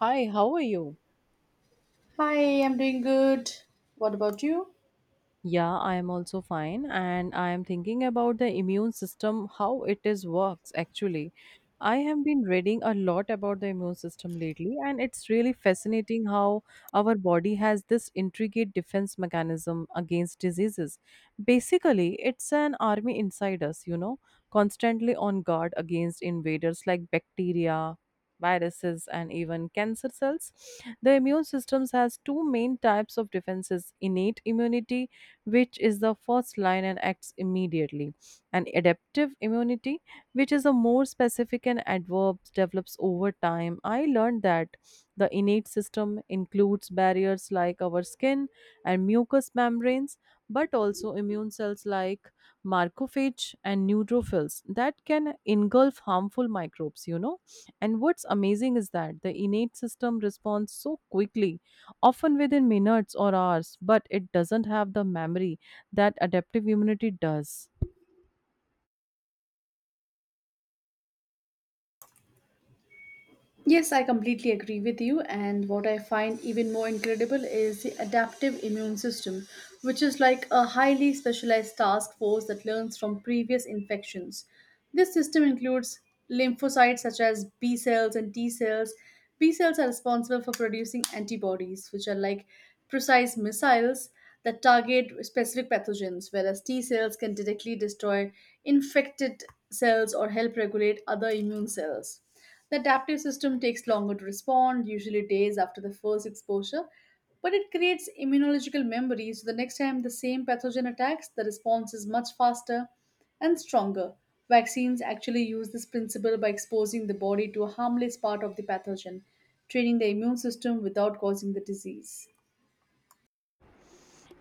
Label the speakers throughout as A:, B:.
A: Hi, how are you?
B: Hi, I'm doing good. What about you?
A: Yeah, I am also fine, and I am thinking about the immune system, how it is works actually. I have been reading a lot about the immune system lately, and it's really fascinating how our body has this intricate defense mechanism against diseases. Basically, it's an army inside us, you know, constantly on guard against invaders like bacteria, viruses, and even cancer cells. The immune systems has two main types of defenses: innate immunity which is the first line and acts immediately, and adaptive immunity, which is a more specific and adverbs develops over time. I learned that the innate system includes barriers like our skin and mucous membranes, but also immune cells like macrophage and neutrophils that can engulf harmful microbes, you know. And what's amazing is that the innate system responds so quickly often within minutes or hours, but it doesn't have the memory that adaptive immunity does.
B: Yes, I completely agree with you. And what I find even more incredible is the adaptive immune system, which is like a highly specialized task force that learns from previous infections. This system includes lymphocytes such as B cells and T cells. B cells are responsible for producing antibodies, which are like precise missiles that target specific pathogens, whereas T cells can directly destroy infected cells or help regulate other immune cells. The adaptive system takes longer to respond, usually days after the first exposure, but it creates immunological memory so the next time the same pathogen attacks, the response is much faster and stronger. Vaccines actually use this principle by exposing the body to a harmless part of the pathogen, training the immune system without causing the disease.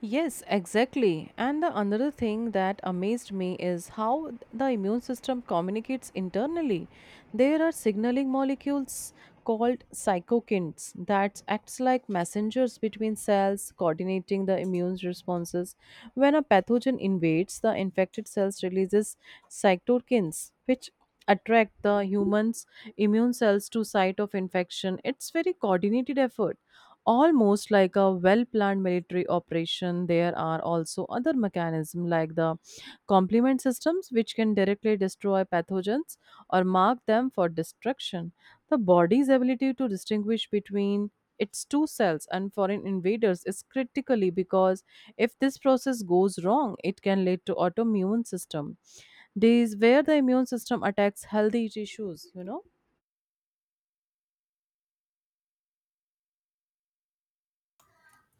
A: Yes, exactly. And the another thing that amazed me is how the immune system communicates internally. There are signaling molecules called cytokines that acts like messengers between cells coordinating the immune responses when a pathogen invades the infected cells releases cytokines which attract the human's immune cells to site of infection. It's very coordinated effort, almost like a well planned military operation. There are also other mechanisms like the complement systems which can directly destroy pathogens or mark them for destruction. The body's ability to distinguish between its two cells and foreign invaders is critically because if this process goes wrong it can lead to autoimmune system days where the immune system attacks healthy tissues, you know?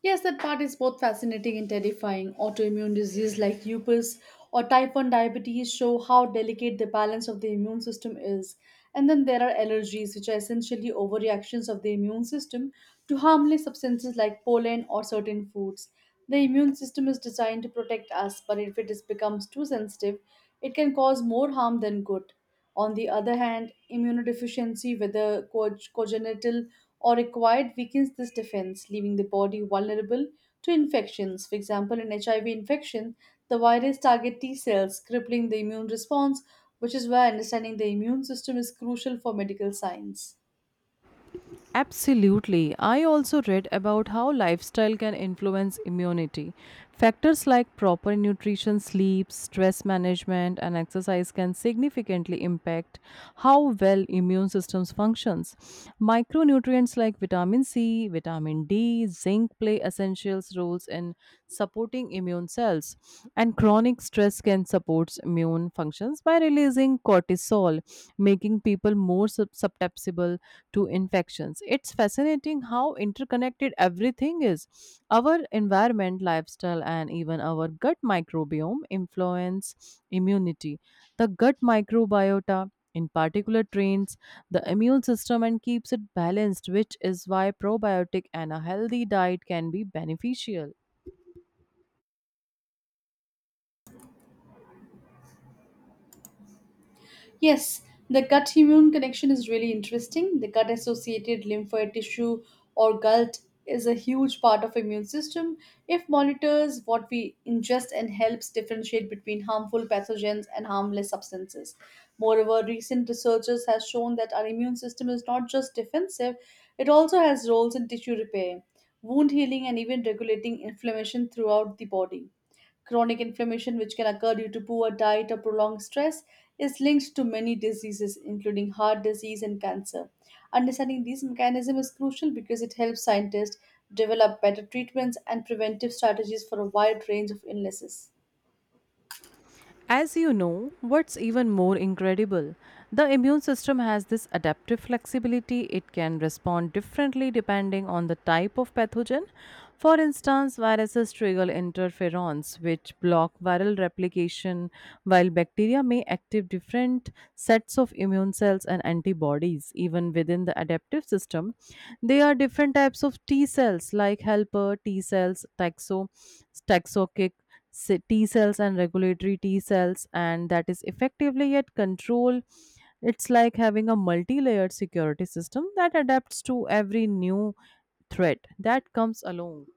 B: Yes, that part is both fascinating and terrifying. Autoimmune disease like lupus or type 1 diabetes show how delicate the balance of the immune system is. And then there are allergies, which are essentially overreactions of the immune system to harmless substances like pollen or certain foods. The immune system is designed to protect us, but if it becomes too sensitive, it can cause more harm than good. On the other hand, immunodeficiency, whether congenital or acquired weakens this defense, leaving the body vulnerable to infections. For example, in HIV infection, the virus target T cells, crippling the immune response, which is why understanding the immune system is crucial for medical science.
A: Absolutely. I also read about how lifestyle can influence immunity. Factors like proper nutrition, sleep, stress management and exercise can significantly impact how well immune systems functions. Micronutrients like vitamin C, vitamin D, zinc play essential roles in supporting immune cells, and chronic stress can support immune functions by releasing cortisol, making people more susceptible to infections. It's fascinating how interconnected everything is. Our environment, lifestyle, and even our gut microbiome influence immunity. The gut microbiota, in particular, trains the immune system and keeps it balanced, which is why probiotic and a healthy diet can be beneficial.
B: Yes, the gut immune connection is really interesting. The gut associated lymphoid tissue or GALT is a huge part of immune system. If monitors what we ingest and helps differentiate between harmful pathogens and harmless substances. Moreover, recent researchers have shown that our immune system is not just defensive, it also has roles in tissue repair, wound healing and even regulating inflammation throughout the body. Chronic inflammation, which can occur due to poor diet or prolonged stress, is linked to many diseases, including heart disease and cancer. Understanding these mechanisms is crucial because it helps scientists develop better treatments and preventive strategies for a wide range of illnesses.
A: As you know, what's even more incredible, the immune system has this adaptive flexibility. It can respond differently depending on the type of pathogen. For instance, viruses trigger interferons, which block viral replication, while bacteria may activate different sets of immune cells and antibodies. Even within the adaptive system, there are different types of T cells like helper T cells, taxokic T cells and regulatory T cells, and that is effectively yet control. It's like having a multi layered security system that adapts to every new threat that comes along.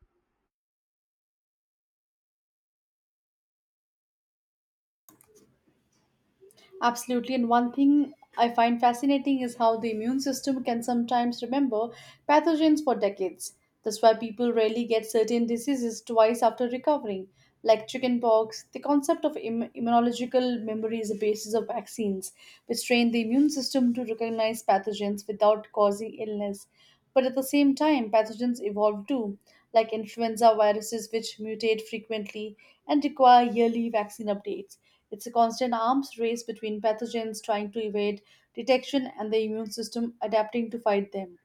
B: Absolutely. And one thing I find fascinating is how the immune system can sometimes remember pathogens for decades. That's why people rarely get certain diseases twice after recovering, like chickenpox. The concept of immunological memory is the basis of vaccines, which train the immune system to recognize pathogens without causing illness. But at the same time, pathogens evolve too, like influenza viruses, which mutate frequently and require yearly vaccine updates. It's a constant arms race between pathogens trying to evade detection and the immune system adapting to fight them.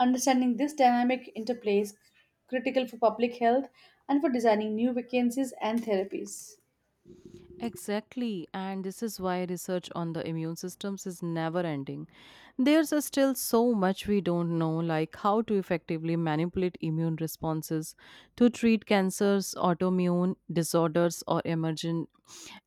B: Understanding this dynamic interplay is critical for public health and for designing new vaccines and therapies.
A: Exactly, and this is why research on the immune systems is never ending. There's still so much we don't know, like how to effectively manipulate immune responses to treat cancers, autoimmune disorders, or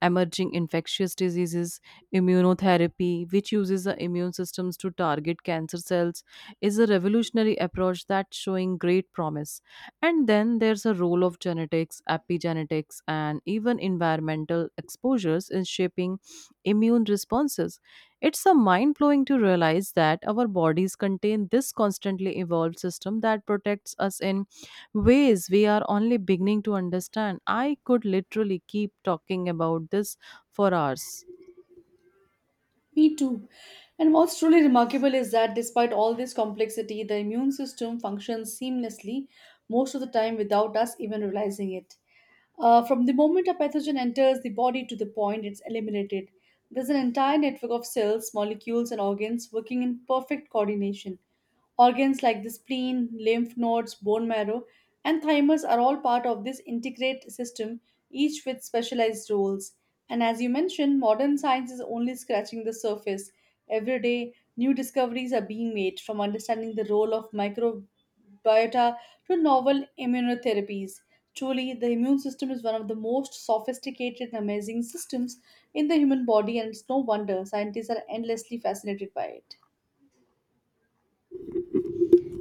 A: emerging infectious diseases. Immunotherapy, which uses the immune systems to target cancer cells, is a revolutionary approach that's showing great promise. And then there's a role of genetics, epigenetics, and even environmental exposures in shaping immune responses. It's a mind blowing to realize that our bodies contain this constantly evolved system that protects us in ways we are only beginning to understand. I could literally keep talking about this for hours.
B: Me too. And what's truly remarkable is that despite all this complexity, the immune system functions seamlessly most of the time without us even realizing it. From the moment a pathogen enters the body to the point it's eliminated, there's an entire network of cells, molecules, and organs working in perfect coordination. Organs like the spleen, lymph nodes, bone marrow, and thymus are all part of this integrate system, each with specialized roles. And as you mentioned, modern science is only scratching the surface. Every day, new discoveries are being made from understanding the role of microbiota to novel immunotherapies. Truly, the immune system is one of the most sophisticated and amazing systems in the human body, and it's no wonder scientists are endlessly fascinated by it.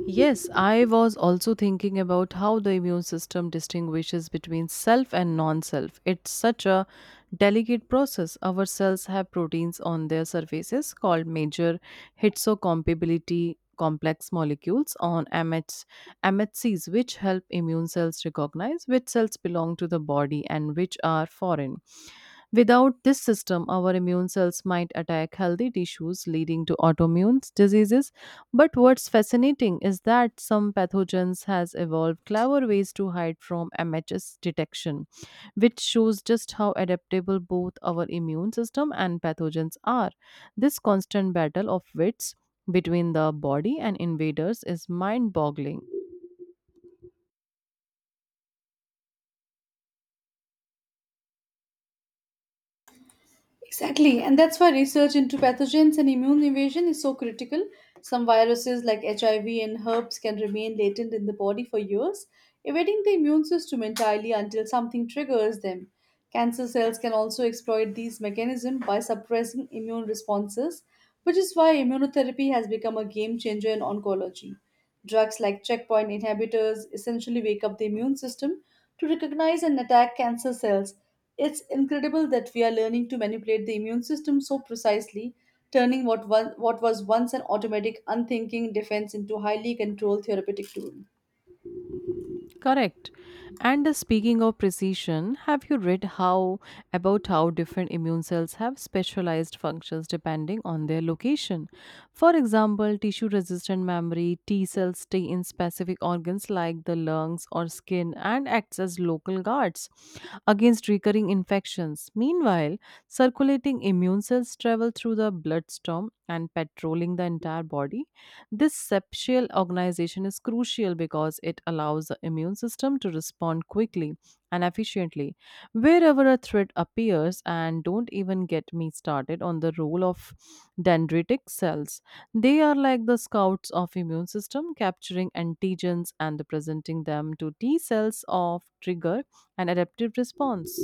A: Yes, I was also thinking about how the immune system distinguishes between self and non self. It's such a delicate process. Our cells have proteins on their surfaces called major histocompatibility complex molecules on MHs, MHCs, which help immune cells recognize which cells belong to the body and which are foreign. Without this system, our immune cells might attack healthy tissues, leading to autoimmune diseases. But what's fascinating is that some pathogens has evolved clever ways to hide from MHS detection, which shows just how adaptable both our immune system and pathogens are. This constant battle of wits between the body and invaders is mind boggling.
B: Exactly, and that's why research into pathogens and immune evasion is so critical. Some viruses like HIV and herpes can remain latent in the body for years, evading the immune system entirely until something triggers them. Cancer cells can also exploit these mechanisms by suppressing immune responses, which is why immunotherapy has become a game changer in oncology. Drugs like checkpoint inhibitors essentially wake up the immune system to recognize and attack cancer cells. It's incredible that we are learning to manipulate the immune system so precisely, turning what was once an automatic, unthinking defense into highly controlled therapeutic tool.
A: Correct. And speaking of precision, have you read how about how different immune cells have specialized functions depending on their location? For example, tissue resistant memory T cells stay in specific organs like the lungs or skin and acts as local guards against recurring infections. Meanwhile, circulating immune cells travel through the bloodstream and patrolling the entire body. This septial organization is crucial because it allows the immune system to respond quickly and efficiently wherever a threat appears, and don't even get me started on the role of dendritic cells. They are like the scouts of immune system, capturing antigens and presenting them to T cells of trigger an adaptive response.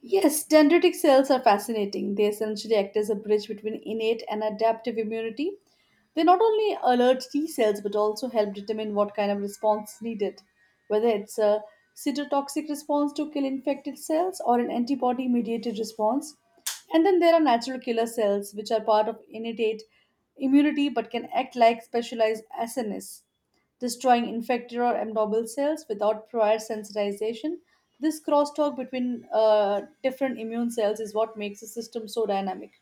B: Yes, dendritic cells are fascinating. They essentially act as a bridge between innate and adaptive immunity. They not only alert T cells but also help determine what kind of response is needed, whether it's a cytotoxic response to kill infected cells or an antibody mediated response. And then there are natural killer cells, which are part of innate immunity but can act like specialized SNS destroying infected or abnormal cells without prior sensitization. This crosstalk between different immune cells is what makes the system so dynamic.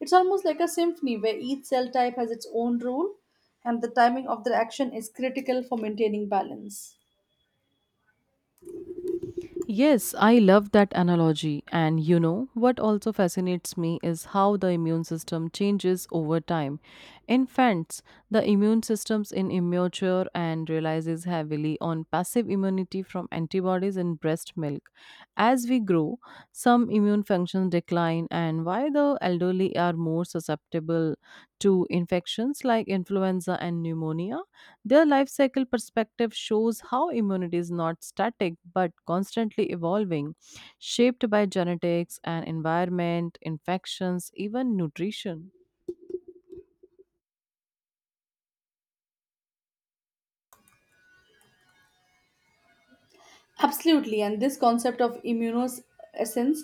B: It's almost like a symphony where each cell type has its own role, and the timing of their action is critical for maintaining balance.
A: Yes, I love that analogy. And you know, what also fascinates me is how the immune system changes over time. Infants, the immune systems in immature and relies heavily on passive immunity from antibodies in breast milk. As we grow, some immune functions decline and why the elderly are more susceptible to infections like influenza and pneumonia. Their life cycle perspective shows how immunity is not static but constantly evolving, shaped by genetics and environment, infections, even nutrition.
B: Absolutely, and this concept of immunoessence,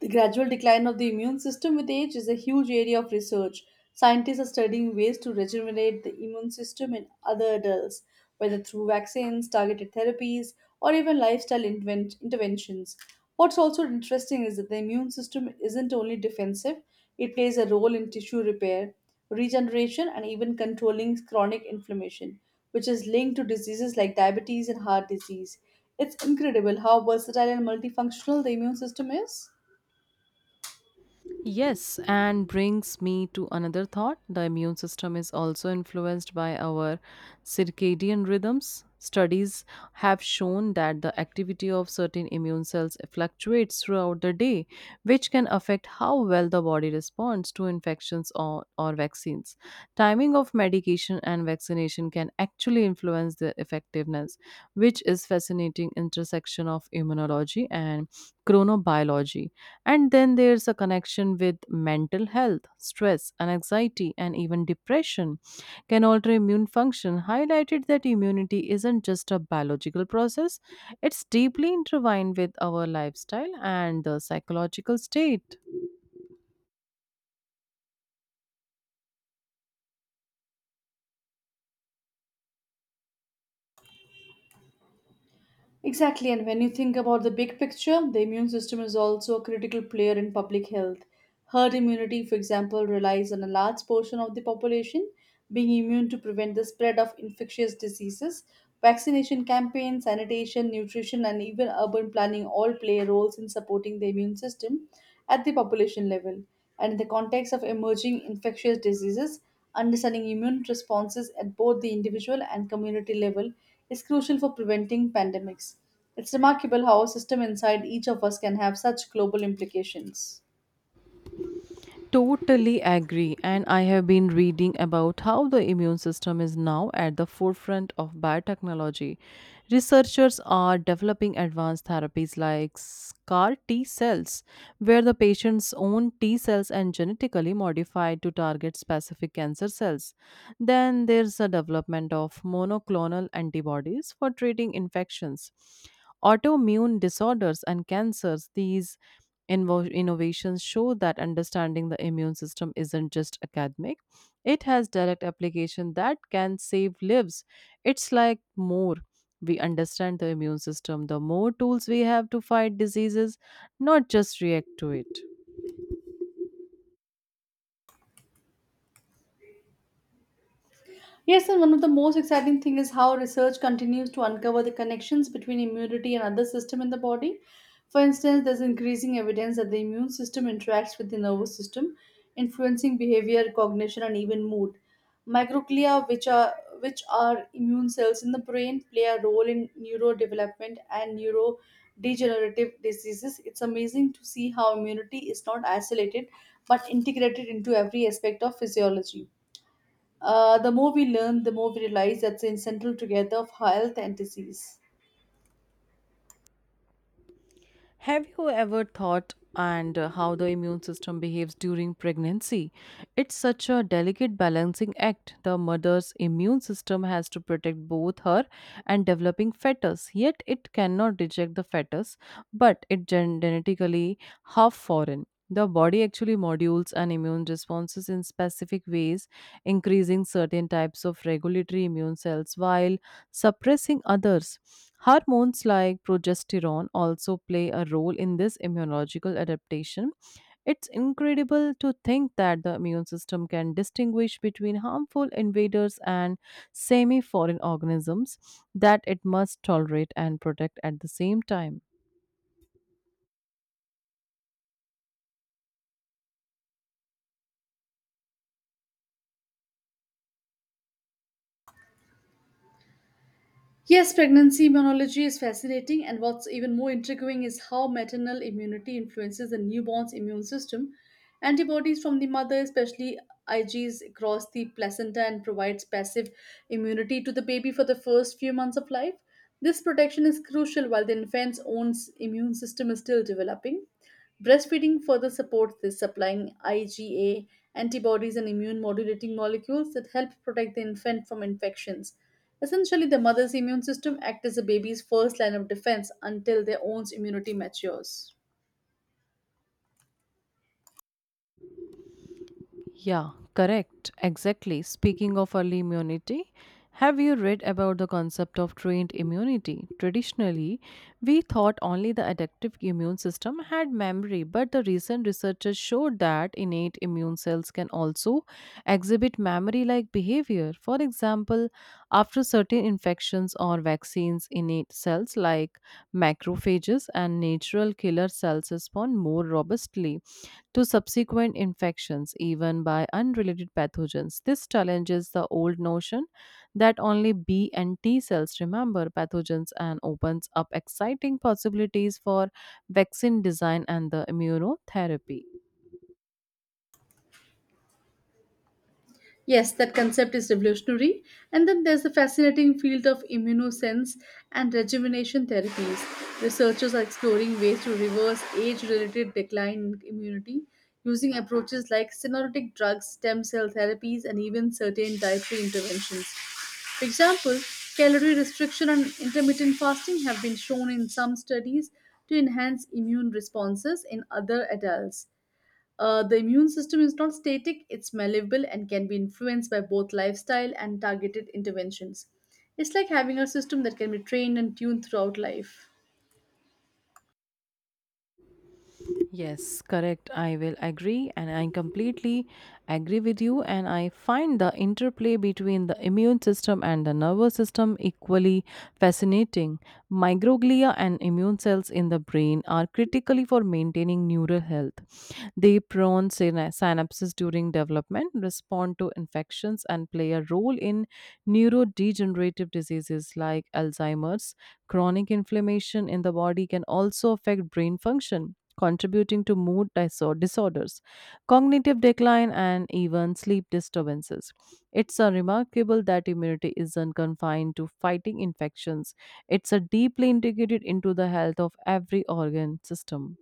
B: the gradual decline of the immune system with age, is a huge area of research. Scientists are studying ways to regenerate the immune system in other adults, whether through vaccines, targeted therapies, or even lifestyle interventions. What's also interesting is that the immune system isn't only defensive, it plays a role in tissue repair, regeneration, and even controlling chronic inflammation, which is linked to diseases like diabetes and heart disease. It's incredible how versatile and multifunctional the immune system is.
A: Yes, and brings me to another thought. The immune system is also influenced by our circadian rhythms. Studies have shown that the activity of certain immune cells fluctuates throughout the day, which can affect how well the body responds to infections or vaccines. Timing of medication and vaccination can actually influence their effectiveness, which is fascinating intersection of immunology and chronobiology. And then there's a connection with mental health, stress, and anxiety, and even depression can alter immune function, highlighted that immunity isn't just a biological process, it's deeply intertwined with our lifestyle and the psychological state.
B: Exactly, and when you think about the big picture, the immune system is also a critical player in public health. Herd immunity, for example, relies on a large portion of the population being immune to prevent the spread of infectious diseases. Vaccination campaigns, sanitation, nutrition, and even urban planning all play roles in supporting the immune system at the population level. And in the context of emerging infectious diseases, understanding immune responses at both the individual and community level is crucial for preventing pandemics. It's remarkable how a system inside each of us can have such global implications.
A: Totally agree. And I have been reading about how the immune system is now at the forefront of biotechnology. Researchers are developing advanced therapies like CAR T cells, where the patient's own T cells are genetically modified to target specific cancer cells. Then there's the development of monoclonal antibodies for treating infections. Autoimmune disorders and cancers, these innovations show that understanding the immune system isn't just academic, it has direct application that can save lives. It's like more we understand the immune system, the more tools we have to fight diseases, not just react to it.
B: Yes, and one of the most exciting things is how research continues to uncover the connections between immunity and other systems in the body. For instance, there's increasing evidence that the immune system interacts with the nervous system, influencing behavior, cognition, and even mood. Microglia, which are immune cells in the brain, play a role in neurodevelopment and neurodegenerative diseases. It's amazing to see how immunity is not isolated but integrated into every aspect of physiology. The more we learn, the more we realize that's the central together of health and disease.
A: Have you ever thought and how the immune system behaves during pregnancy? It's such a delicate balancing act. The mother's immune system has to protect both her and developing fetus, yet it cannot reject the fetus, but it genetically half foreign. The body actually modules and immune responses in specific ways, increasing certain types of regulatory immune cells while suppressing others. Hormones like progesterone also play a role in this immunological adaptation. It's incredible to think that the immune system can distinguish between harmful invaders and semi foreign organisms that it must tolerate and protect at the same time.
B: Yes, pregnancy immunology is fascinating, and what's even more intriguing is how maternal immunity influences the newborn's immune system. Antibodies from the mother, especially Igs, cross the placenta and provides passive immunity to the baby for the first few months of life. This protection is crucial while the infant's own immune system is still developing. Breastfeeding further supports this, supplying IgA antibodies and immune modulating molecules that help protect the infant from infections. Essentially, the mother's immune system acts as a baby's first line of defense until their own immunity matures.
A: Yeah, correct. Exactly. Speaking of early immunity, have you read about the concept of trained immunity? Traditionally, we thought only the adaptive immune system had memory, but the recent researchers showed that innate immune cells can also exhibit memory like behavior. For example, after certain infections or vaccines, innate cells like macrophages and natural killer cells respond more robustly to subsequent infections, even by unrelated pathogens. This challenges the old notion that only B and T cells remember pathogens and opens up exciting possibilities for vaccine design and the immunotherapy.
B: Yes, that concept is revolutionary. And then there's the fascinating field of immunosense and rejuvenation therapies. Researchers are exploring ways to reverse age related decline in immunity using approaches like senolytic drugs, stem cell therapies, and even certain dietary interventions. For example, calorie restriction and intermittent fasting have been shown in some studies to enhance immune responses in other adults. The immune system is not static, it's malleable and can be influenced by both lifestyle and targeted interventions. It's like having a system that can be trained and tuned throughout life.
A: Yes, correct. I will agree and I completely agree with you. And I find the interplay between the immune system and the nervous system equally fascinating. Microglia and immune cells in the brain are critically for maintaining neural health. They prone synapses during development, respond to infections, and play a role in neurodegenerative diseases like Alzheimer's. Chronic inflammation in the body can also affect brain function contributing to mood disorders, cognitive decline, and even sleep disturbances. It's a remarkable that immunity isn't confined to fighting infections, it's a deeply integrated into the health of every organ system.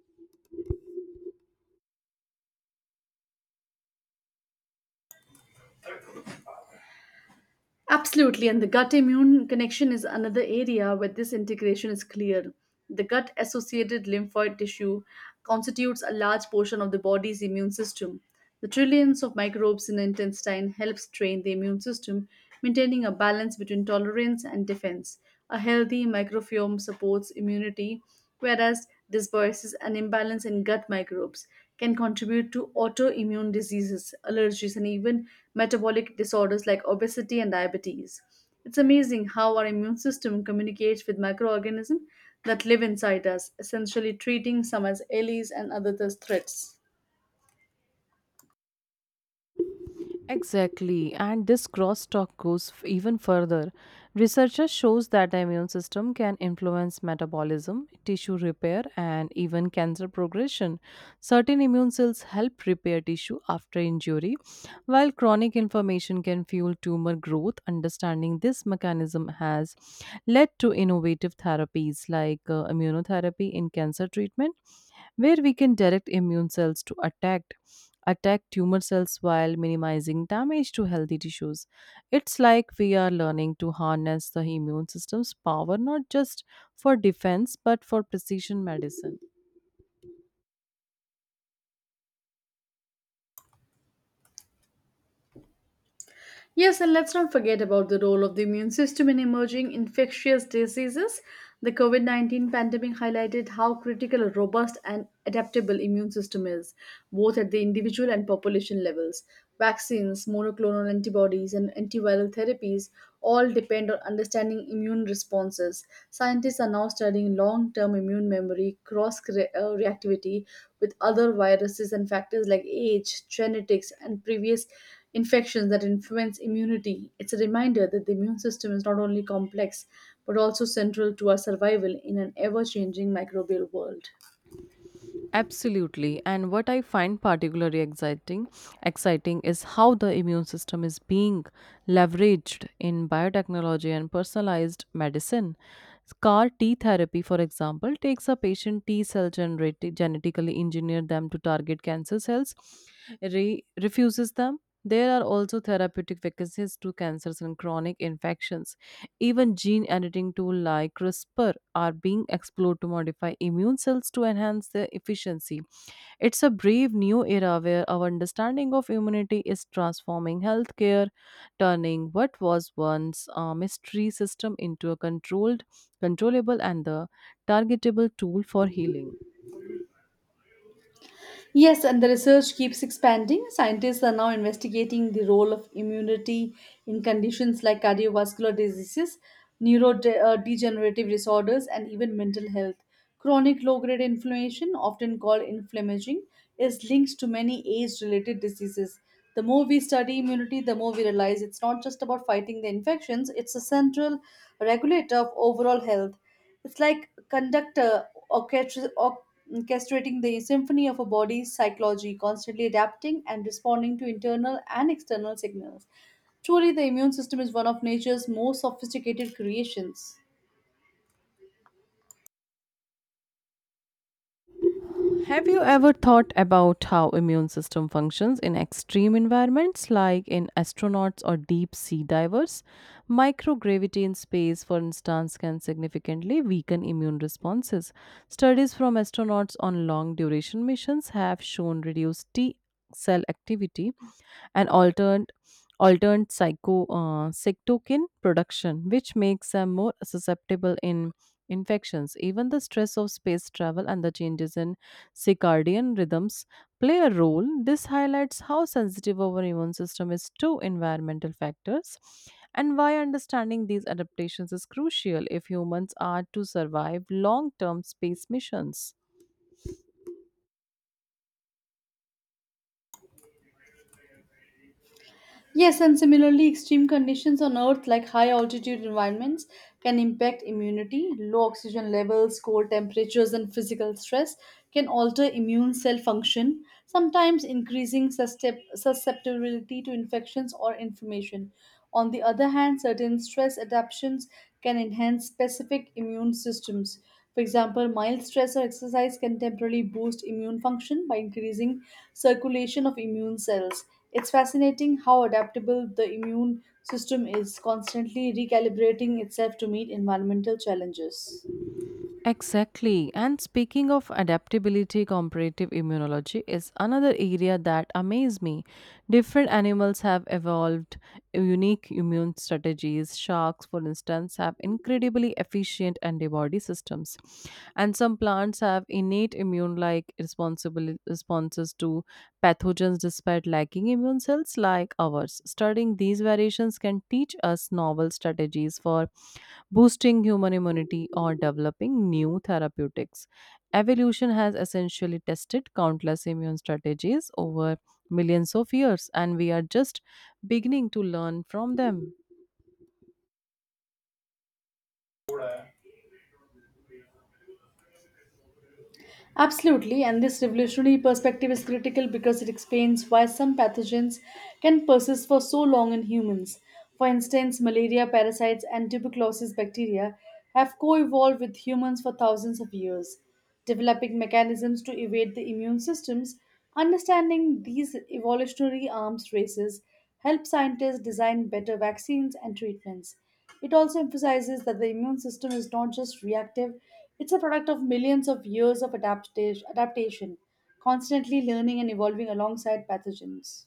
B: Absolutely, and the gut immune connection is another area where this integration is clear. The gut associated lymphoid tissue constitutes a large portion of the body's immune system. The trillions of microbes in the intestine helps train the immune system, maintaining a balance between tolerance and defense. A healthy microbiome supports immunity, whereas this disperses an imbalance in gut microbes can contribute to autoimmune diseases, allergies, and even metabolic disorders like obesity and diabetes. It's amazing how our immune system communicates with microorganisms that live inside us, essentially treating some as allies and others as threats.
A: Exactly, and this crosstalk goes even further. Researchers shows that the immune system can influence metabolism, tissue repair, and even cancer progression. Certain immune cells help repair tissue after injury, while chronic inflammation can fuel tumor growth. Understanding this mechanism has led to innovative therapies like immunotherapy in cancer treatment where we can direct immune cells to attack tumor cells while minimizing damage to healthy tissues. It's like we are learning to harness the immune system's power not just for defense but for precision medicine.
B: Yes, and let's not forget about the role of the immune system in emerging infectious diseases. The COVID 19 pandemic highlighted how critical a robust and adaptable immune system is, both at the individual and population levels. Vaccines, monoclonal antibodies, and antiviral therapies all depend on understanding immune responses. Scientists are now studying long term immune memory, reactivity with other viruses, and factors like age, genetics, and previous infections that influence immunity. It's a reminder that the immune system is not only complex but also central to our survival in an ever changing microbial world.
A: Absolutely. And what I find particularly exciting is how the immune system is being leveraged in biotechnology and personalized medicine. CAR T therapy, for example, takes a patient T cell generated genetically engineer them to target cancer cells, refuses them. There are also therapeutic vacancies to cancers and chronic infections, even gene editing tools like CRISPR are being explored to modify immune cells to enhance their efficiency. It's a brave new era where our understanding of immunity is transforming healthcare, turning what was once a mystery system into a controlled, controllable, and the targetable tool for healing.
B: Yes, and the research keeps expanding. Scientists are now investigating the role of immunity in conditions like cardiovascular diseases, neurodegenerative disorders, and even mental health. Chronic low grade inflammation, often called inflammaging, is linked to many age related diseases. The more we study immunity, the more we realize it's not just about fighting the infections, it's a central regulator of overall health. It's like conductor orchestrating the symphony of a body's psychology, constantly adapting and responding to internal and external signals. Truly, the immune system is one of nature's most sophisticated creations.
A: Have you ever thought about how immune system functions in extreme environments like in astronauts or deep sea divers? Microgravity in space, for instance, can significantly weaken immune responses. Studies from astronauts on long duration missions have shown reduced T cell activity and altered altered psycho cytokine production, which makes them more susceptible in infections. Even the stress of space travel and the changes in circadian rhythms play a role. This highlights how sensitive our immune system is to environmental factors and why understanding these adaptations is crucial if humans are to survive long term space missions.
B: Yes, and similarly, extreme conditions on Earth, like high altitude environments, can impact immunity. Low oxygen levels, cold temperatures, and physical stress can alter immune cell function, sometimes increasing susceptibility to infections or inflammation. On the other hand, certain stress adaptations can enhance specific immune systems. For example, mild stress or exercise can temporarily boost immune function by increasing circulation of immune cells. It's fascinating how adaptable the immune system is, constantly recalibrating itself to meet environmental challenges.
A: Exactly. And speaking of adaptability, comparative immunology is another area that amazes me. Different animals have evolved unique immune strategies. Sharks, for instance, have incredibly efficient antibody systems. And some plants have innate immune like responsible responses to pathogens despite lacking immune cells like ours. Studying these variations can teach us novel strategies for boosting human immunity, or developing new therapeutics. Evolution has essentially tested countless immune strategies over millions of years, and we are just beginning to learn from them.
B: Absolutely, and this revolutionary perspective is critical because it explains why some pathogens can persist for so long in humans. For instance, malaria parasites and tuberculosis bacteria have co evolved with humans for thousands of years, developing mechanisms to evade the immune systems. Understanding these evolutionary arms races helps scientists design better vaccines and treatments. It also emphasizes that the immune system is not just reactive, it's a product of millions of years of adaptation, constantly learning and evolving alongside pathogens.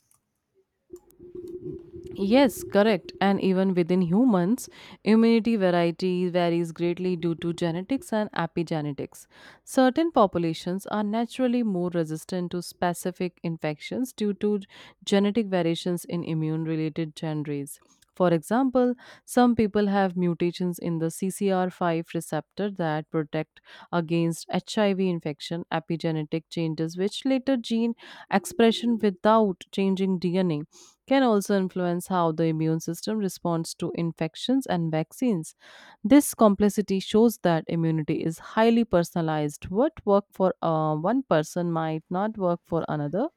A: Yes, correct. And even within humans, immunity variety varies greatly due to genetics and epigenetics. Certain populations are naturally more resistant to specific infections due to genetic variations in immune related genes. For example, some people have mutations in the CCR5 receptor that protect against HIV infection, epigenetic changes, which later gene expression without changing DNA can also influence how the immune system responds to infections and vaccines. This complexity shows that immunity is highly personalized. What worked for one person might not work for another.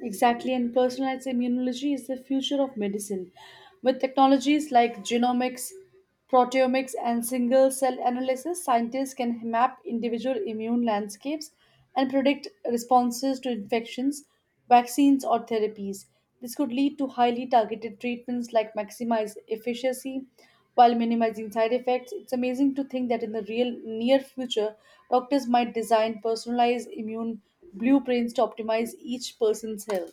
B: Exactly, and personalized immunology is the future of medicine. With technologies like genomics, proteomics, and single cell analysis, scientists can map individual immune landscapes and predict responses to infections, vaccines, or therapies. This could lead to highly targeted treatments like maximize efficacy while minimizing side effects. It's amazing to think that in the real near future, doctors might design personalized immune blueprints to optimize each person's health.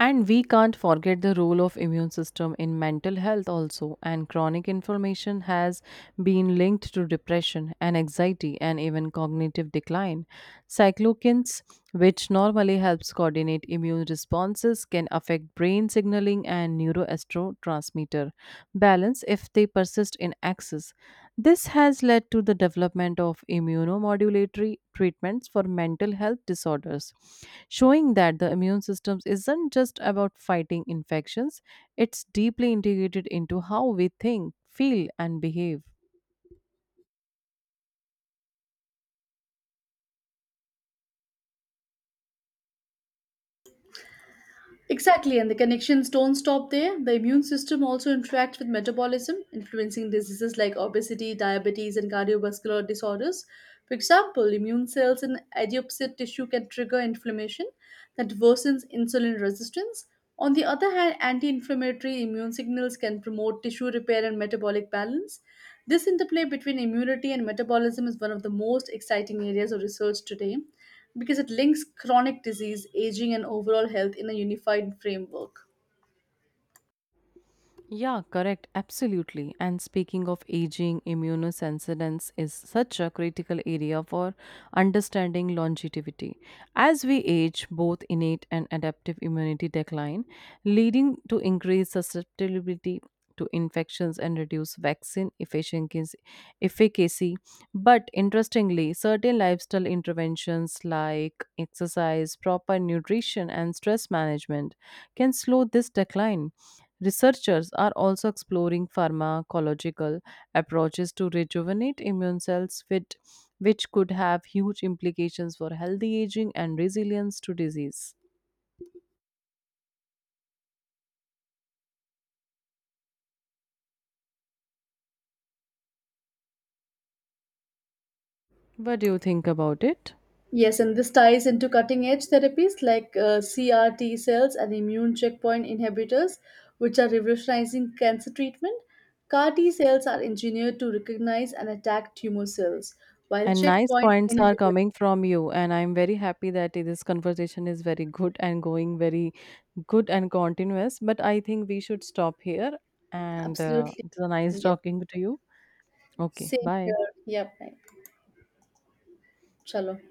A: And we can't forget the role of immune system in mental health also, and chronic inflammation has been linked to depression and anxiety and even cognitive decline. Cyclokines, which normally helps coordinate immune responses can affect brain signaling and neuroastrotransmitter balance if they persist in excess. This has led to the development of immunomodulatory treatments for mental health disorders, showing that the immune system isn't just about fighting infections, it's deeply integrated into how we think, feel, and behave.
B: Exactly, and the connections don't stop there. The immune system also interacts with metabolism, influencing diseases like obesity, diabetes, and cardiovascular disorders. For example, immune cells in adipocyte tissue can trigger inflammation that worsens insulin resistance. On the other hand, anti inflammatory immune signals can promote tissue repair and metabolic balance. This interplay between immunity and metabolism is one of the most exciting areas of research today because it links chronic disease, aging, and overall health in a unified framework.
A: Yeah, correct. Absolutely. And speaking of aging, immunosensitence is such a critical area for understanding longevity. As we age, both innate and adaptive immunity decline, leading to increased susceptibility to infections and reduce vaccine efficiency. Efficacy. But interestingly, certain lifestyle interventions like exercise, proper nutrition, and stress management can slow this decline. Researchers are also exploring pharmacological approaches to rejuvenate immune cells, which could have huge implications for healthy aging and resilience to disease. What do you think about it?
B: Yes, and this ties into cutting edge therapies like CRT cells and immune checkpoint inhibitors, which are revolutionizing cancer treatment. CAR T cells are engineered to recognize and attack tumor cells, while
A: And nice
B: checkpoint
A: points are
B: inhibitors.
A: coming from you, and I'm very happy that this conversation is very good and going very good and continuous. But I think we should stop here, and
B: Absolutely.
A: it's a nice
B: Yeah.
A: talking to you. Okay,
B: Same
A: bye.
B: here. Yep. Right. Chalo.